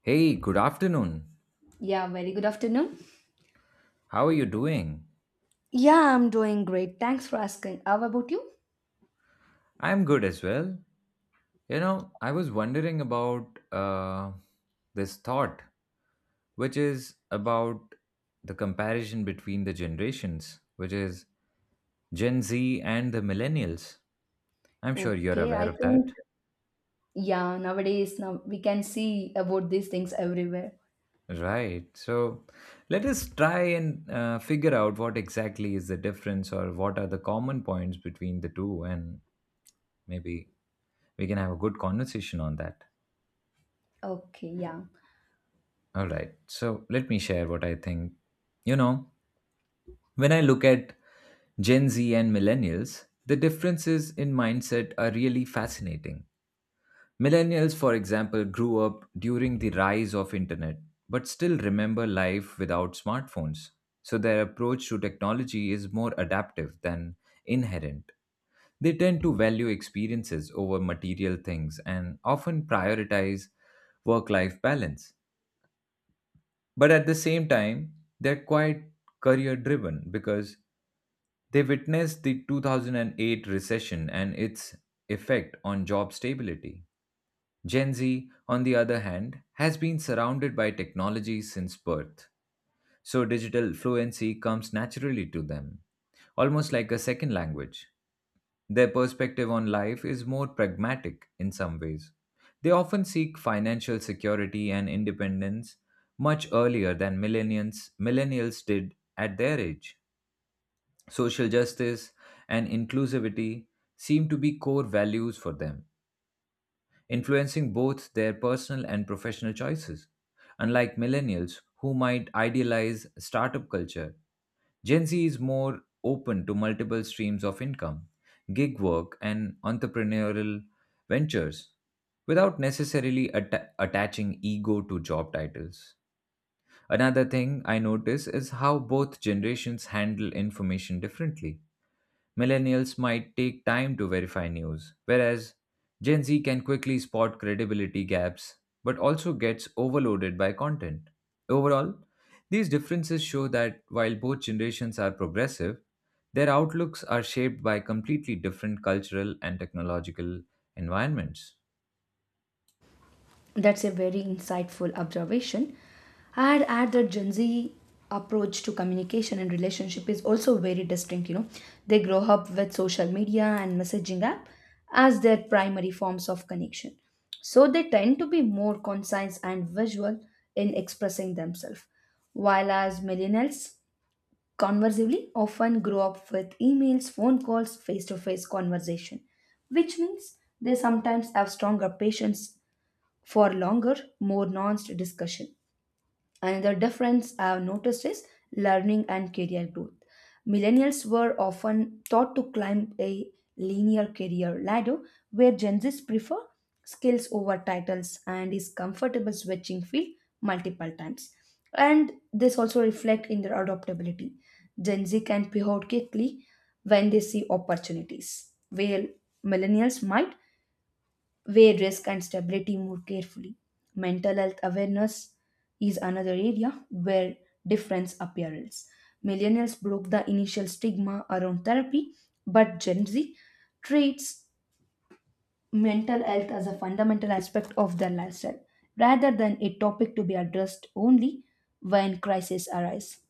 Hey, good afternoon. Yeah, very good afternoon. How are you doing? Yeah, I'm doing great. Thanks for asking. How about you? I'm good as well. You know, I was wondering about this thought, which is about the comparison between the generations, which is Gen Z and the millennials. I'm sure you're Okay, I aware of think that. yeah, nowadays now we can see about these things everywhere. Right. So let us try and figure out what exactly is the difference or what are the common points between the two, and maybe we can have a good conversation on that. Okay, yeah. All right. So let me share what I think. You know, when I look at Gen Z and millennials, the differences in mindset are really fascinating. Millennials, for example, grew up during the rise of internet but still remember life without smartphones. So their approach to technology is more adaptive than inherent. They tend to value experiences over material things and often prioritize work life balance. But at the same time, they're quite career driven because they witnessed the 2008 recession and its effect on job stability. Gen Z, on the other hand, has been surrounded by technology since birth, so digital fluency comes naturally to them, almost like a second language. Their perspective on life is more pragmatic in some ways. They often seek financial security and independence much earlier than millennials did at their age. Social justice and inclusivity seem to be core values for them influencing both their personal and professional choices. Unlike millennials, who might idealize startup culture, Gen Z is more open to multiple streams of income, gig work, and entrepreneurial ventures without necessarily attaching ego to job titles. Another thing I notice is how both generations handle information differently. Millennials might take time to verify news, whereas Gen Z can quickly spot credibility gaps but also gets overloaded by content. Overall, these differences show that while both generations are progressive, their outlooks are shaped by completely different cultural and technological environments. That's a very insightful observation. I'd add that Gen Z approach to communication and relationship is also very distinct. They grow up with social media and messaging app as their primary forms of connection. So they tend to be more concise and visual in expressing themselves. While as millennials, conversely, often grow up with emails, phone calls, face to face conversation, which means they sometimes have stronger patience for longer, more nuanced discussion. Another difference I've noticed is learning and career growth. Millennials were often taught to climb a linear career ladder, where Gen Zs prefer skills over titles and is comfortable switching field multiple times. And this also reflects in their adaptability. Gen Z can pivot quickly when they see opportunities, while millennials might where risk and stability move carefully. Mental health awareness is another area where difference appears. Millennials broke the initial stigma around therapy, but Gen Z treats mental health as a fundamental aspect of their lifestyle rather than a topic to be addressed only when crises arise.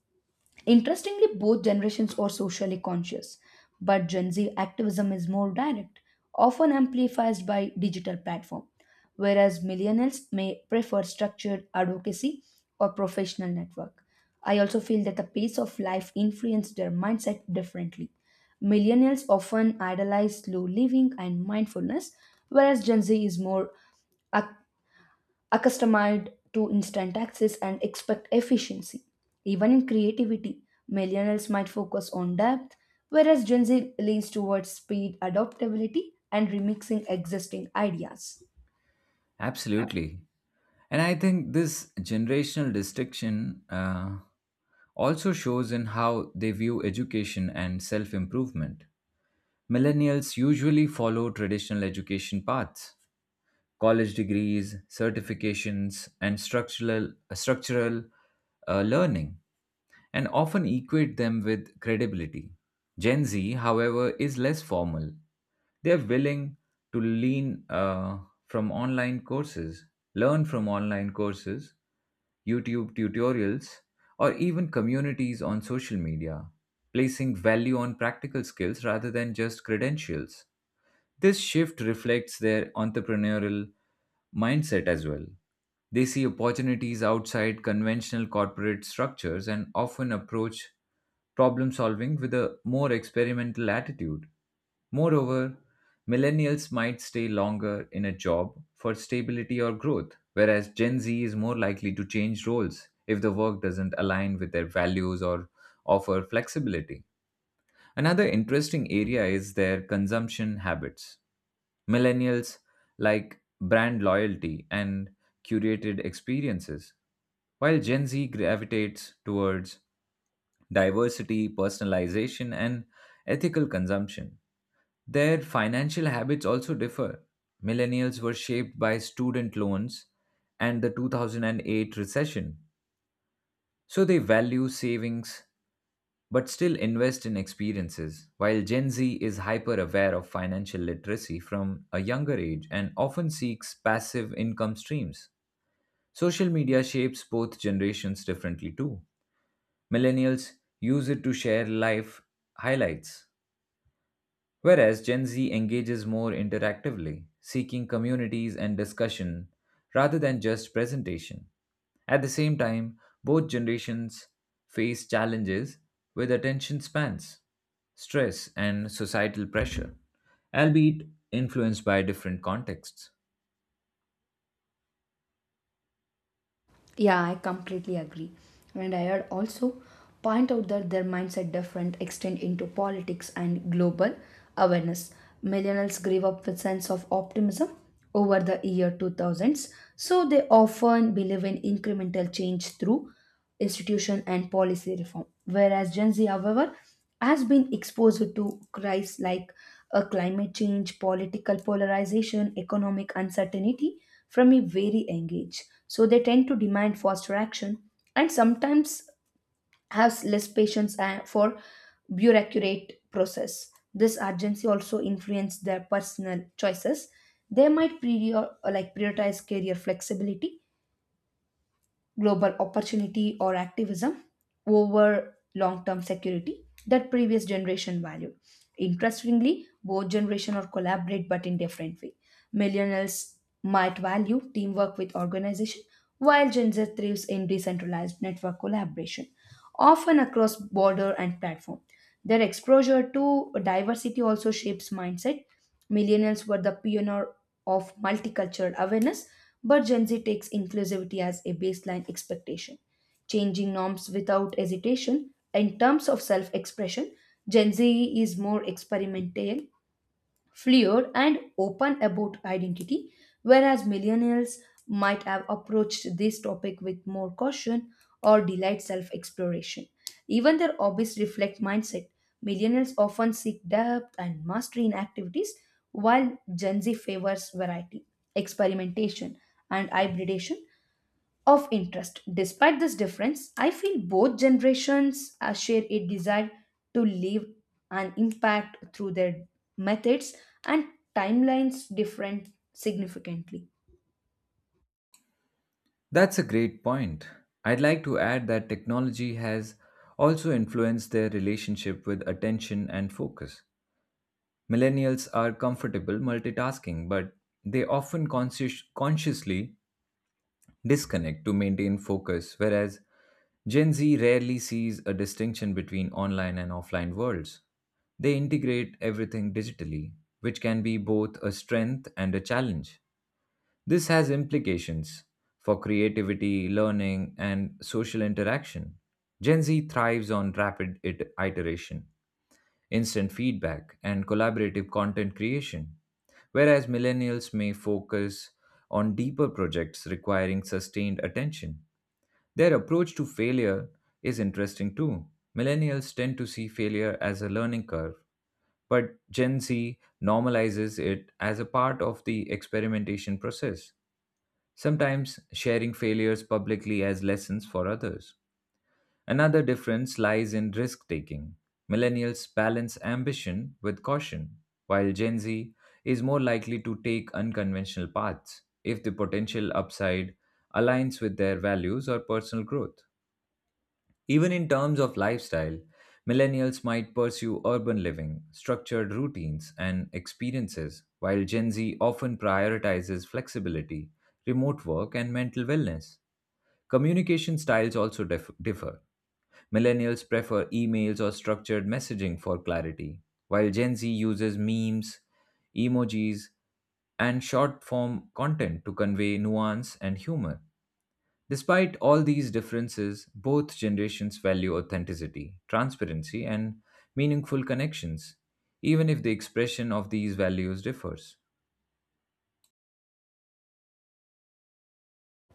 Interestingly, both generations are socially conscious, but Gen Z activism is more direct, often amplified by digital platform, whereas millennials may prefer structured advocacy or professional network. I also feel that the pace of life influenced their mindset differently. Millennials often idolize slow living and mindfulness, whereas Gen Z is more ac- accustomed to instant access and expect efficiency. Even in creativity, millennials might focus on depth, whereas Gen Z leans towards speed, adaptability, and remixing existing ideas. Absolutely. And I think this generational distinction also shows in how they view education and self improvement. Millennials usually follow traditional education paths college degrees, certifications, and structural learning, and often equate them with credibility. Gen Z, however, is less formal. They are willing to lean from online courses, learn from online courses, YouTube tutorials, or even communities on social media, placing value on practical skills rather than just credentials. This shift reflects their entrepreneurial mindset as well. They see opportunities outside conventional corporate structures and often approach problem solving with a more experimental attitude. Moreover, millennials might stay longer in a job for stability or growth, whereas Gen Z is more likely to change roles if the work doesn't align with their values or offer flexibility. Another interesting area is their consumption habits. Millennials like brand loyalty and curated experiences, while Gen Z gravitates towards diversity, personalization, and ethical consumption. Their financial habits also differ. Millennials were shaped by student loans and the 2008 recession, so they value savings but still invest in experiences. While Gen Z is hyper aware of financial literacy from a younger age and often seeks passive income streams, social media shapes both generations differently too. Millennials use it to share life highlights whereas Gen Z engages more interactively, seeking communities and discussion rather than just presentation. At the same time, both generations face challenges with attention spans, stress, and societal pressure, albeit influenced by different contexts. Yeah, I completely agree. And I had also point out that their mindset different extend into politics and global awareness. Millennials grew up with sense of optimism over the year 2000s, so they often believe in incremental change through institution and policy reform. Whereas Gen Z, however, has been exposed to crises like climate change, political polarization, economic uncertainty from a very young age. So they tend to demand faster action and sometimes has less patience for bureaucratic process. This urgency also influences their personal choices. They might like prioritize career flexibility global opportunity or activism over long term security that previous generation valued. Interestingly, both generation or collaborate but in different way. Millennials might value teamwork with organization while Gen Z thrives in decentralized network collaboration, often across border and platform. Their exposure to diversity also shapes mindset. Millennials were the pioneer of multicultural awareness but Gen Z takes inclusivity as a baseline expectation, changing norms without hesitation. In terms of self expression, Gen Z is more experimental fluid and open about identity, whereas millennials might have approached this topic with more caution or delayed self exploration. Even their hobbies reflect mindset. Millennials often seek depth and mastery in activities, while Gen Z favors variety, experimentation, and hybridation, of interest. Despite this difference, I feel both generations share a desire to leave an impact through their methods and timelines different significantly. That's a great point. I'd like to add that technology has also influenced their relationship with attention and focus. Millennials are comfortable multitasking, but they often consciously disconnect to maintain focus, whereas Gen Z rarely sees a distinction between online and offline worlds. They integrate everything digitally, which can be both a strength and a challenge. This has implications for creativity, learning, and social interaction. Gen Z thrives on rapid iteration instant feedback, and collaborative content creation, whereas millennials may focus on deeper projects requiring sustained attention. Their approach to failure is interesting too. Millennials tend to see failure as a learning curve, but Gen Z normalizes it as a part of the experimentation process, sometimes sharing failures publicly as lessons for others. Another difference lies in risk taking. Millennials balance ambition with caution, while Gen Z is more likely to take unconventional paths if the potential upside aligns with their values or personal growth. Even in terms of lifestyle, millennials might pursue urban living, structured routines, and experiences, while Gen Z often prioritizes flexibility, remote work, and mental wellness. Communication styles also differ. Millennials prefer emails or structured messaging for clarity, while Gen Z uses memes, emojis, and short form content to convey nuance and humor. Despite all these differences, both generations value authenticity, transparency, and meaningful connections, even if the expression of these values differs.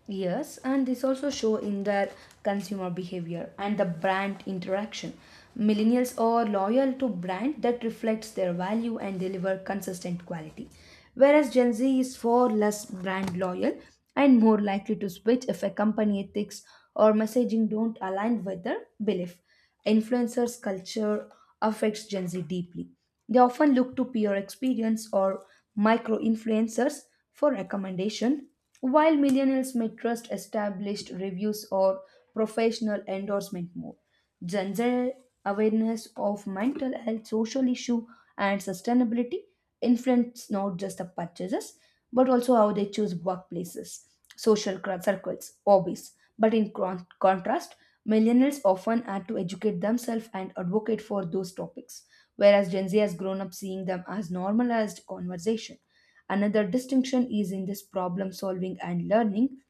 Yes, and this also show in their consumer behavior and the brand interaction. Millennials are loyal to brand that reflects their value and deliver consistent quality, whereas Gen Z is far less brand loyal and more likely to switch if a company ethics or messaging don't align with their belief. Influencers culture affects Gen Z deeply. They often look to peer experience or micro influencers for recommendation while millennials may trust established reviews or professional endorsement more. Gen Z awareness of mental health, social issue, and sustainability influence not just the purchases but also how they choose workplaces, social circles, hobbies. But in contrast, millennials often had to educate themselves and advocate for those topics, whereas Gen Z has grown up seeing them as normalized conversation. Another distinction is in this problem solving and learning.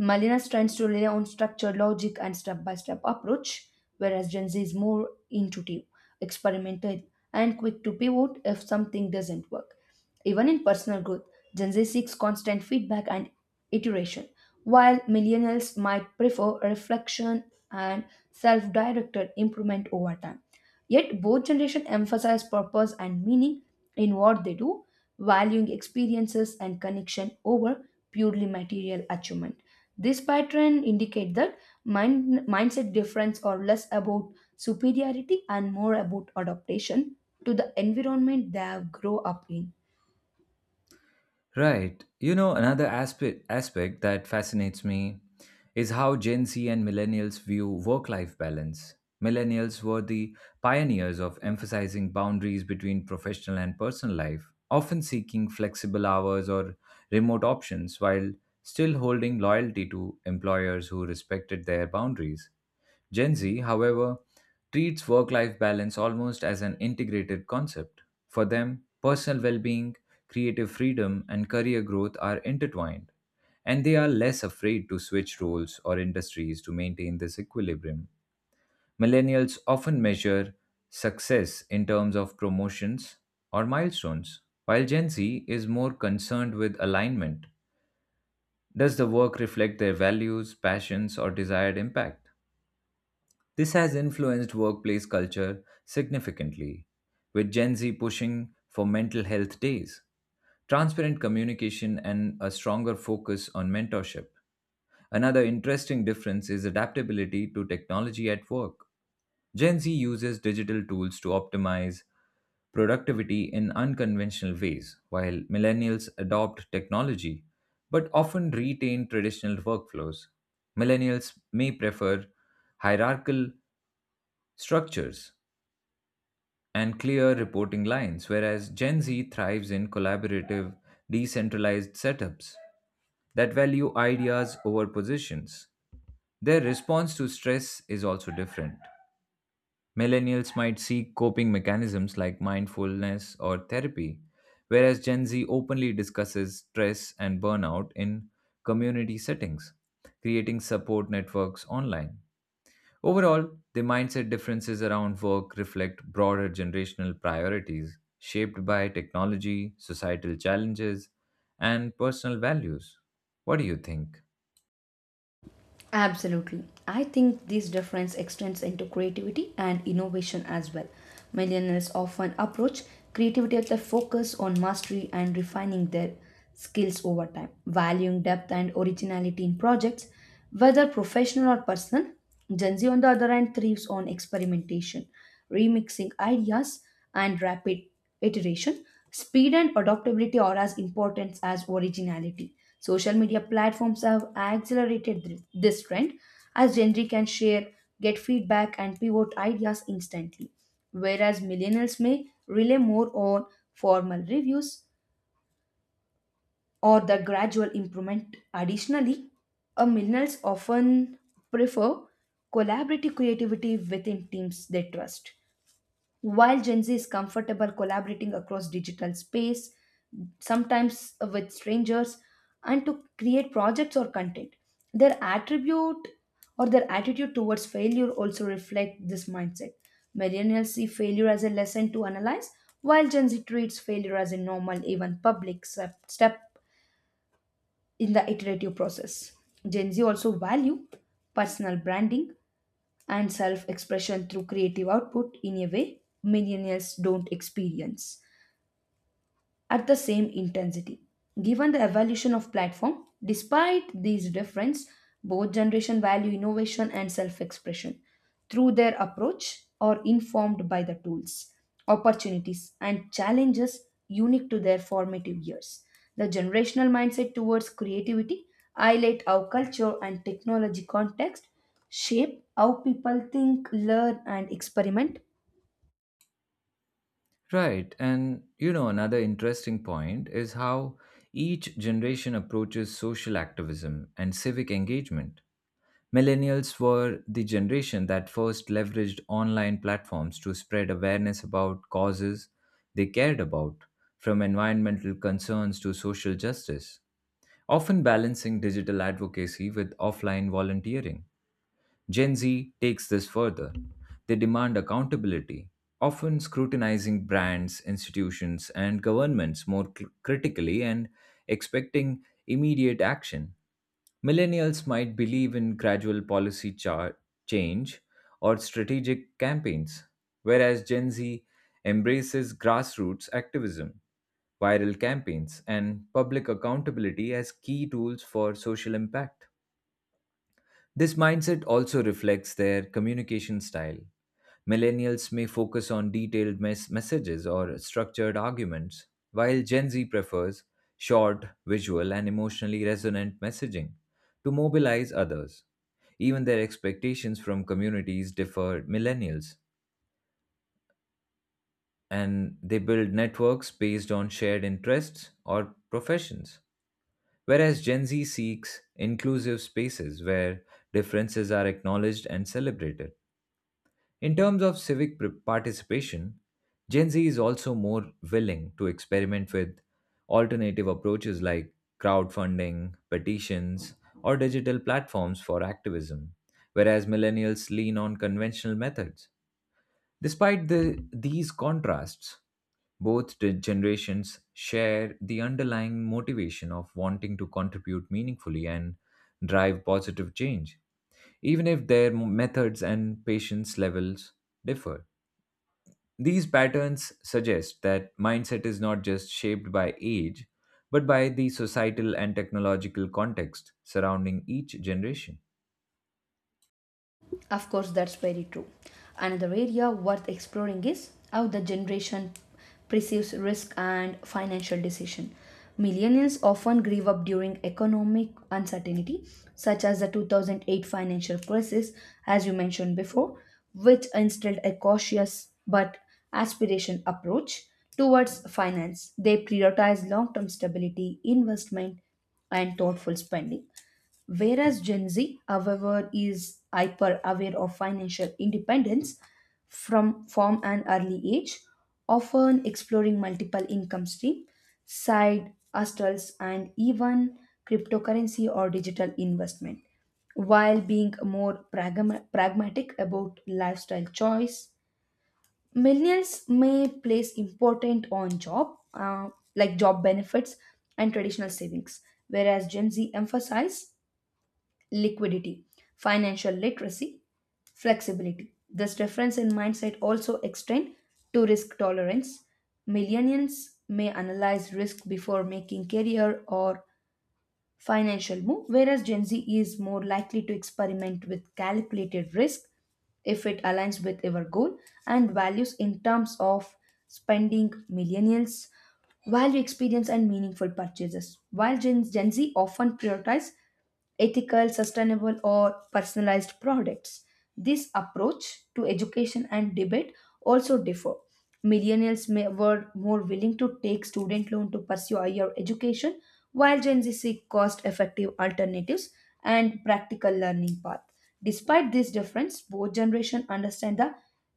Millennials tends to rely on structure, logic, and step-by-step approach, whereas Gen Z is more intuitive, experimental, and quick to pivot if something doesn't work. Even in personal growth, Gen Z seeks constant feedback and iteration, while millennials might prefer reflection and self-directed improvement over time. Yet both generations emphasize purpose and meaning in what they do, valuing experiences and connection over purely material achievement. This pattern indicate that mindset difference are less about superiority and more about adaptation to the environment they have grown up in. Right. You know, another aspect that fascinates me is how Gen Z and millennials view work-life balance. Millennials were the pioneers of emphasizing boundaries between professional and personal life, often seeking flexible hours or remote options while still holding loyalty to employers who respected their boundaries. Gen Z, however, treats work life balance almost as an integrated concept. For them, personal well being, creative freedom, and career growth are intertwined, and they are less afraid to switch roles or industries to maintain this equilibrium. Millennials often measure success in terms of promotions or milestones, while Gen Z is more concerned with alignment. Does the work reflect their values, passions, or desired impact? This has influenced workplace culture significantly, with Gen Z pushing for mental health days, transparent communication, and a stronger focus on mentorship. Another interesting difference is adaptability to technology at work. Gen Z uses digital tools to optimize productivity in unconventional ways, while millennials adopt technology but often retain traditional workflows. Millennials may prefer hierarchical structures and clear reporting lines, whereas Gen Z thrives in collaborative, decentralized setups that value ideas over positions. Their response to stress is also different. Millennials might seek coping mechanisms like mindfulness or therapy, whereas Gen Z openly discusses stress and burnout in community settings, creating support networks online. Overall, the mindset differences around work reflect broader generational priorities shaped by technology, societal challenges, and personal values. What do you think? Absolutely. I think this difference extends into creativity and innovation as well. Millennials often approach creativity with a focus on mastery and refining their skills over time, valuing depth and originality in projects, whether professional or personal. Gen Z, on the other hand, thrives on experimentation, remixing ideas, and rapid iteration. Speed and adaptability are as important as originality. Social media platforms have accelerated this trend as Gen Z can share, get feedback, and pivot ideas instantly, whereas millennials may rely more on formal reviews or the gradual improvement. Additionally, millennials often prefer collaborative creativity within teams they trust. While Gen Z is comfortable collaborating across digital space, sometimes with strangers, and to create projects or content, their attribute or their attitude towards failure also reflect this mindset. Millennials see failure as a lesson to analyze, while Gen Z treats failure as a normal, even public step in the iterative process. Gen Z also value personal branding and self expression through creative output in a way millennials don't experience at the same intensity. Given the evolution of platform, despite these differences, both generation value innovation and self-expression through their approach or informed by the tools, opportunities and challenges unique to their formative years. The generational mindset towards creativity highlight how culture and technology context shape how people think, learn and experiment. Right, and you know, another interesting point is how each generation approaches social activism and civic engagement. Millennials were the generation that first leveraged online platforms to spread awareness about causes they cared about, from environmental concerns to social justice, often balancing digital advocacy with offline volunteering. Gen Z takes this further. They demand accountability, often scrutinizing brands, institutions, and governments more critically and expecting immediate action. Millennials might believe in gradual policy change or strategic campaigns, whereas Gen Z embraces grassroots activism, viral campaigns, and public accountability as key tools for social impact. This mindset also reflects their communication style. Millennials may focus on detailed messages or structured arguments, while Gen Z prefers short, visual, and emotionally resonant messaging to mobilize others. Even their expectations from communities differ millennials, and they build networks based on shared interests or professions. Whereas Gen Z seeks inclusive spaces where differences are acknowledged and celebrated. In terms of civic participation, Gen Z is also more willing to experiment with alternative approaches like crowdfunding, petitions, or digital platforms for activism, whereas millennials lean on conventional methods. Despite these contrasts, both the generations share the underlying motivation of wanting to contribute meaningfully and drive positive change even if their methods and patience levels differ. These patterns suggest that mindset is not just shaped by age, but by the societal and technological context surrounding each generation. Of course, that's very true. Another area worth exploring is how the generation perceives risk and financial decision. Millennials often grieve up during economic uncertainty, such as the 2008 financial crisis, as you mentioned before, which instilled a cautious but aspiration approach towards finance. They prioritize long term stability, investment, and thoughtful spending. Whereas Gen Z, however, is hyper aware of financial independence from an early age, often exploring multiple income streams, side hustles, and even cryptocurrency or digital investment, while being more pragmatic about lifestyle choice. Millennials may place important on job, like job benefits and traditional savings, whereas Gen Z emphasize liquidity, financial literacy, flexibility. This difference in mindset also extend to risk tolerance. Millennials may analyze risk before making career or financial move, whereas Gen Z is more likely to experiment with calculated risk if it aligns with our goal and values. In terms of spending, millennials value experience and meaningful purchases while gen z often prioritize ethical, sustainable, or personalized products. This approach to education and debate also differ. Millennials may, were more willing to take student loan to pursue higher education, while Gen Z seek cost-effective alternatives and practical learning path. Despite this difference, both generations understand the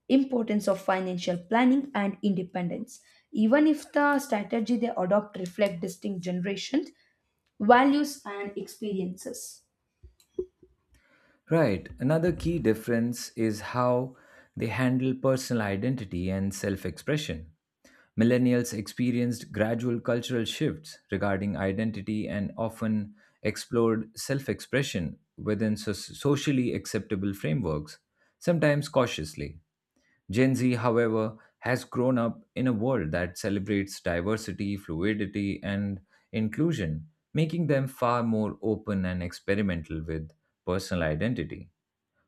importance of financial planning and independence. Even if the strategy they adopt reflect distinct generations, values and experiences. Right. Another key difference is how they handle personal identity and self expression. Millennials experienced gradual cultural shifts regarding identity and often explored self expression within socially acceptable frameworks, sometimes cautiously. Gen Z, however, has grown up in a world that celebrates diversity, fluidity, and inclusion, making them far more open and experimental with personal identity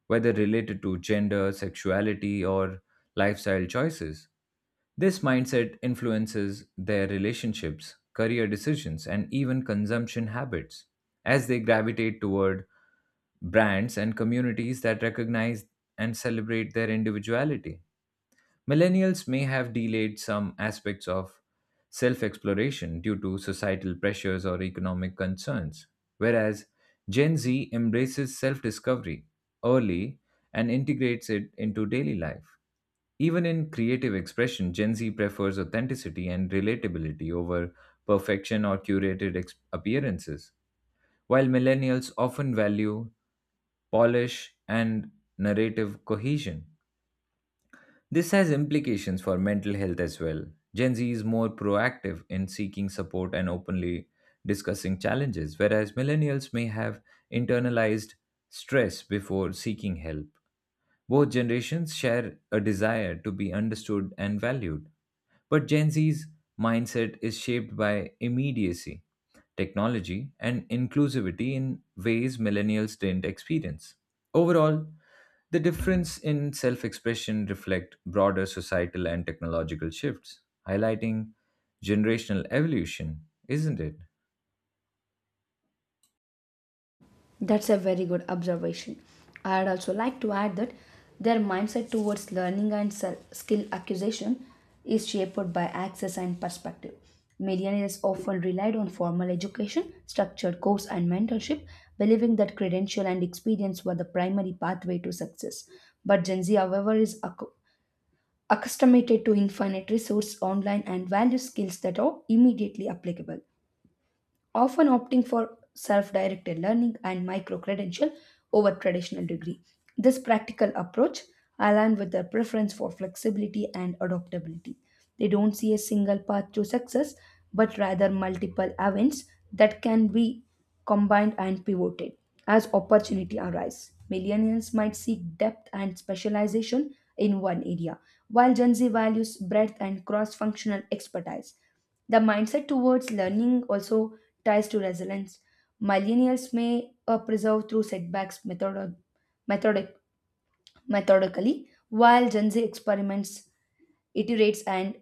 whether related to gender, sexuality, or lifestyle choices. This mindset influences their relationships, career decisions, and even consumption habits as they gravitate toward brands and communities that recognize and celebrate their individuality. Millennials may have delayed some aspects of self exploration due to societal pressures or economic concerns, whereas Gen Z embraces self discovery early and integrates it into daily life. Even in creative expression, Gen Z prefers authenticity and relatability over perfection or appearances, while millennials often value polish and narrative cohesion. This has implications for mental health as well. Gen Z is more proactive in seeking support and openly discussing challenges, whereas millennials may have internalized stress before seeking help. Both generations share a desire to be understood and valued. But Gen Z's mindset is shaped by immediacy, technology, and inclusivity in ways millennials didn't experience. Overall, the difference in self-expression reflect broader societal and technological shifts, highlighting generational evolution, isn't it? That's a very good observation. I'd also like to add that their mindset towards learning and skill acquisition is shaped by access and perspective. Millionaires often relied on formal education, structured course, and mentorship, believing that credential and experience were the primary pathway to success. But Gen Z, however, is accustomed to infinite resource online and value skills that are immediately applicable, often opting for self directed learning and micro credential over traditional degree. This practical approach aligns with their preference for flexibility and adaptability. They don't see a single path to success, but rather multiple events that can be combined and pivoted as opportunity arise. Millennials might seek depth and specialization in one area, while Gen Z values breadth and cross functional expertise. The mindset towards learning also ties to resilience. Millennials may preserve through setbacks methodic- methodically, while Gen Z experiments, iterates, and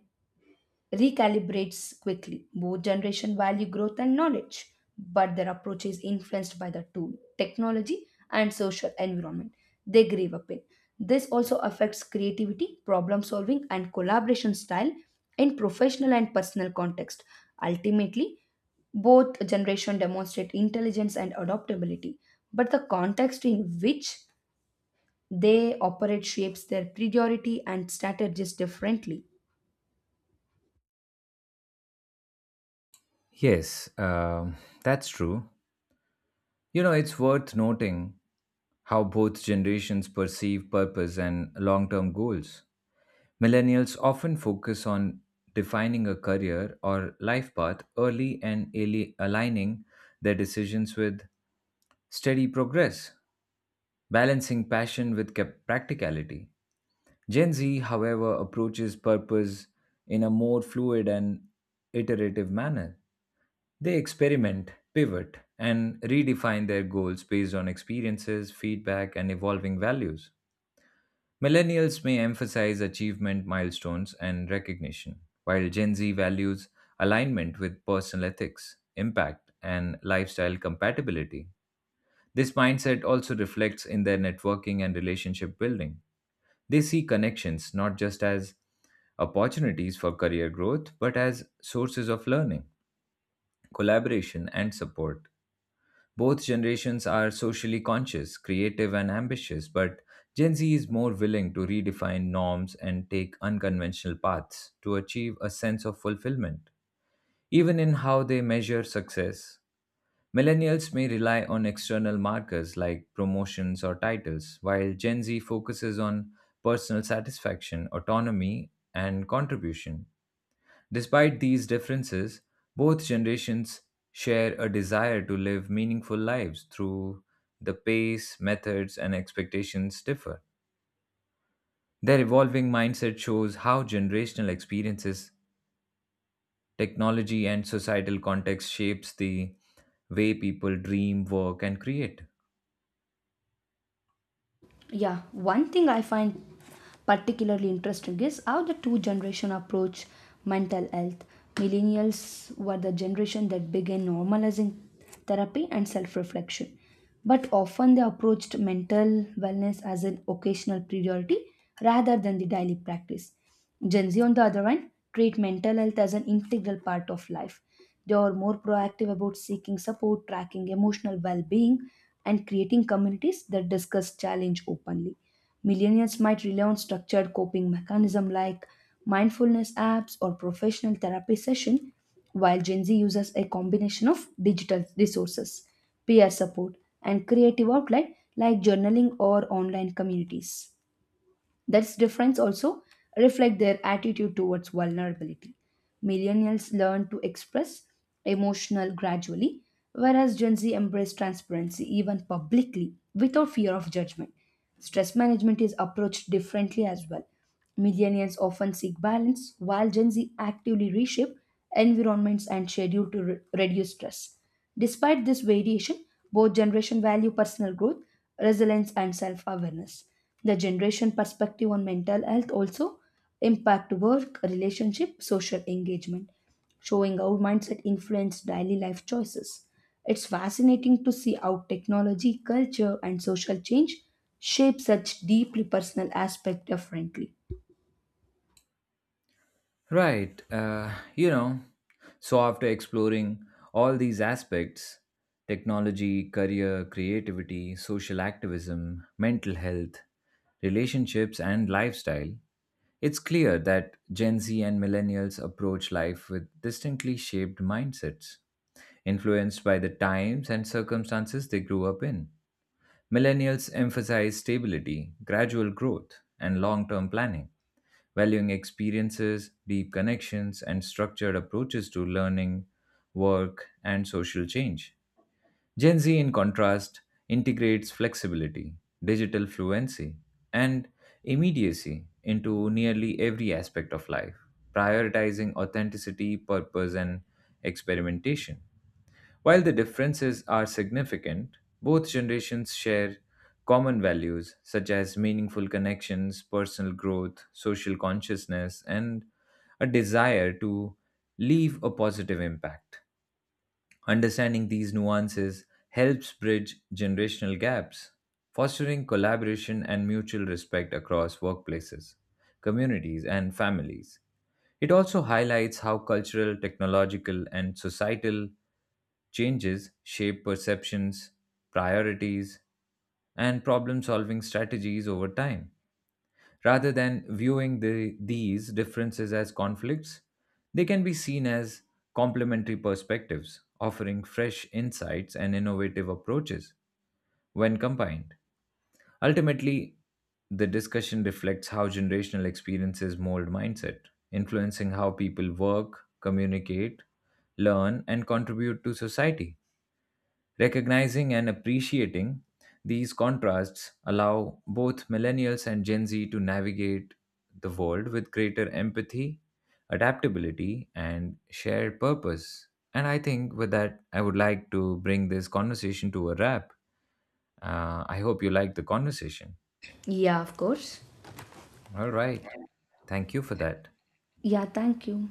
recalibrates quickly. Both generation value growth and knowledge, but their approach is influenced by the tool, technology, and social environment they grew up in. This also affects creativity, problem solving, and collaboration style in professional and personal context. Ultimately, both generation demonstrate intelligence and adaptability, but the context in which they operate shapes their priority and strategies differently. Yes, that's true. You know, it's worth noting how both generations perceive purpose and long term goals. Millennials often focus on defining a career or life path early and aligning their decisions with steady progress, balancing passion with practicality. Gen Z, however, approaches purpose in a more fluid and iterative manner they experiment, pivot, and redefine their goals based on experiences, feedback, and evolving values. Millennials may emphasize achievement milestones and recognition, while Gen Z values alignment with personal ethics, impact, and lifestyle compatibility. This mindset also reflects in their networking and relationship building. They see connections not just as opportunities for career growth, but as sources of learning, collaboration, and support. Both generations are socially conscious, creative, and ambitious, but Gen Z is more willing to redefine norms and take unconventional paths to achieve a sense of fulfillment, even in how they measure success. Millennials may rely on external markers like promotions or titles, while Gen Z focuses on personal satisfaction, autonomy, and contribution. Despite these differences, both generations share a desire to live meaningful lives through the pace, methods, and expectations differ. Their evolving mindset shows how generational experiences, technology, and societal context shapes the way people dream, work, and create. Yeah, one thing I find particularly interesting is how the two generation approach mental health. Millennials were the generation that began normalizing therapy and self-reflection but often they approached mental wellness as an occasional priority rather than the daily practice. Gen Z, on the other hand, treat mental health as an integral part of life. They are more proactive about seeking support, tracking emotional well being, and creating communities that discuss challenge openly. Millennials might rely on structured coping mechanism like mindfulness apps or professional therapy session, while Gen Z uses a combination of digital resources, peer support, and creative outlet like journaling or online communities. That's difference also reflect their attitude towards vulnerability. Millennials learn to express emotional gradually, whereas Gen Z embrace transparency even publicly without fear of judgment. Stress management is approached differently as well. Millennials often seek balance, while Gen Z actively reshape environments and schedule to reduce stress. Despite this variation, both generations value personal growth, resilience, and self awareness. The generation perspective on mental health also impact work, relationship, social engagement, showing how mindset influence daily life choices. It's fascinating to see how technology, culture, and social change shape such deeply personal aspects differently. Right. You know, so after exploring all these aspects technology, career, creativity, social activism, mental health, relationships, and lifestyle it's clear that Gen Z and millennials approach life with distinctly shaped mindsets, influenced by the times and circumstances they grew up in. Millennials emphasize stability, gradual growth, and long term planning valuing experiences, deep connections, and structured approaches to learning, work, and social change. Gen Z, in contrast, integrates flexibility, digital fluency, and immediacy into nearly every aspect of life, prioritizing authenticity, purpose, and experimentation. While the differences are significant, both generations share common values such as meaningful connections, personal growth, social consciousness, and a desire to leave a positive impact. Understanding these nuances helps bridge generational gaps, fostering collaboration and mutual respect across workplaces, communities, and families. It also highlights how cultural, technological, and societal changes shape perceptions, priorities, and problem solving strategies over time. Rather than viewing these differences as conflicts, they can be seen as complementary perspectives, offering fresh insights and innovative approaches when combined. Ultimately, the discussion reflects how generational experiences mold mindset, influencing how people work, communicate, learn, and contribute to society. Recognizing and appreciating these contrasts allow both millennials and Gen Z to navigate the world with greater empathy, adaptability, and shared purpose. And I think with that, I would like to bring this conversation to a wrap. I hope you liked the conversation. Yeah, of course. All right. Thank you for that. Yeah, thank you.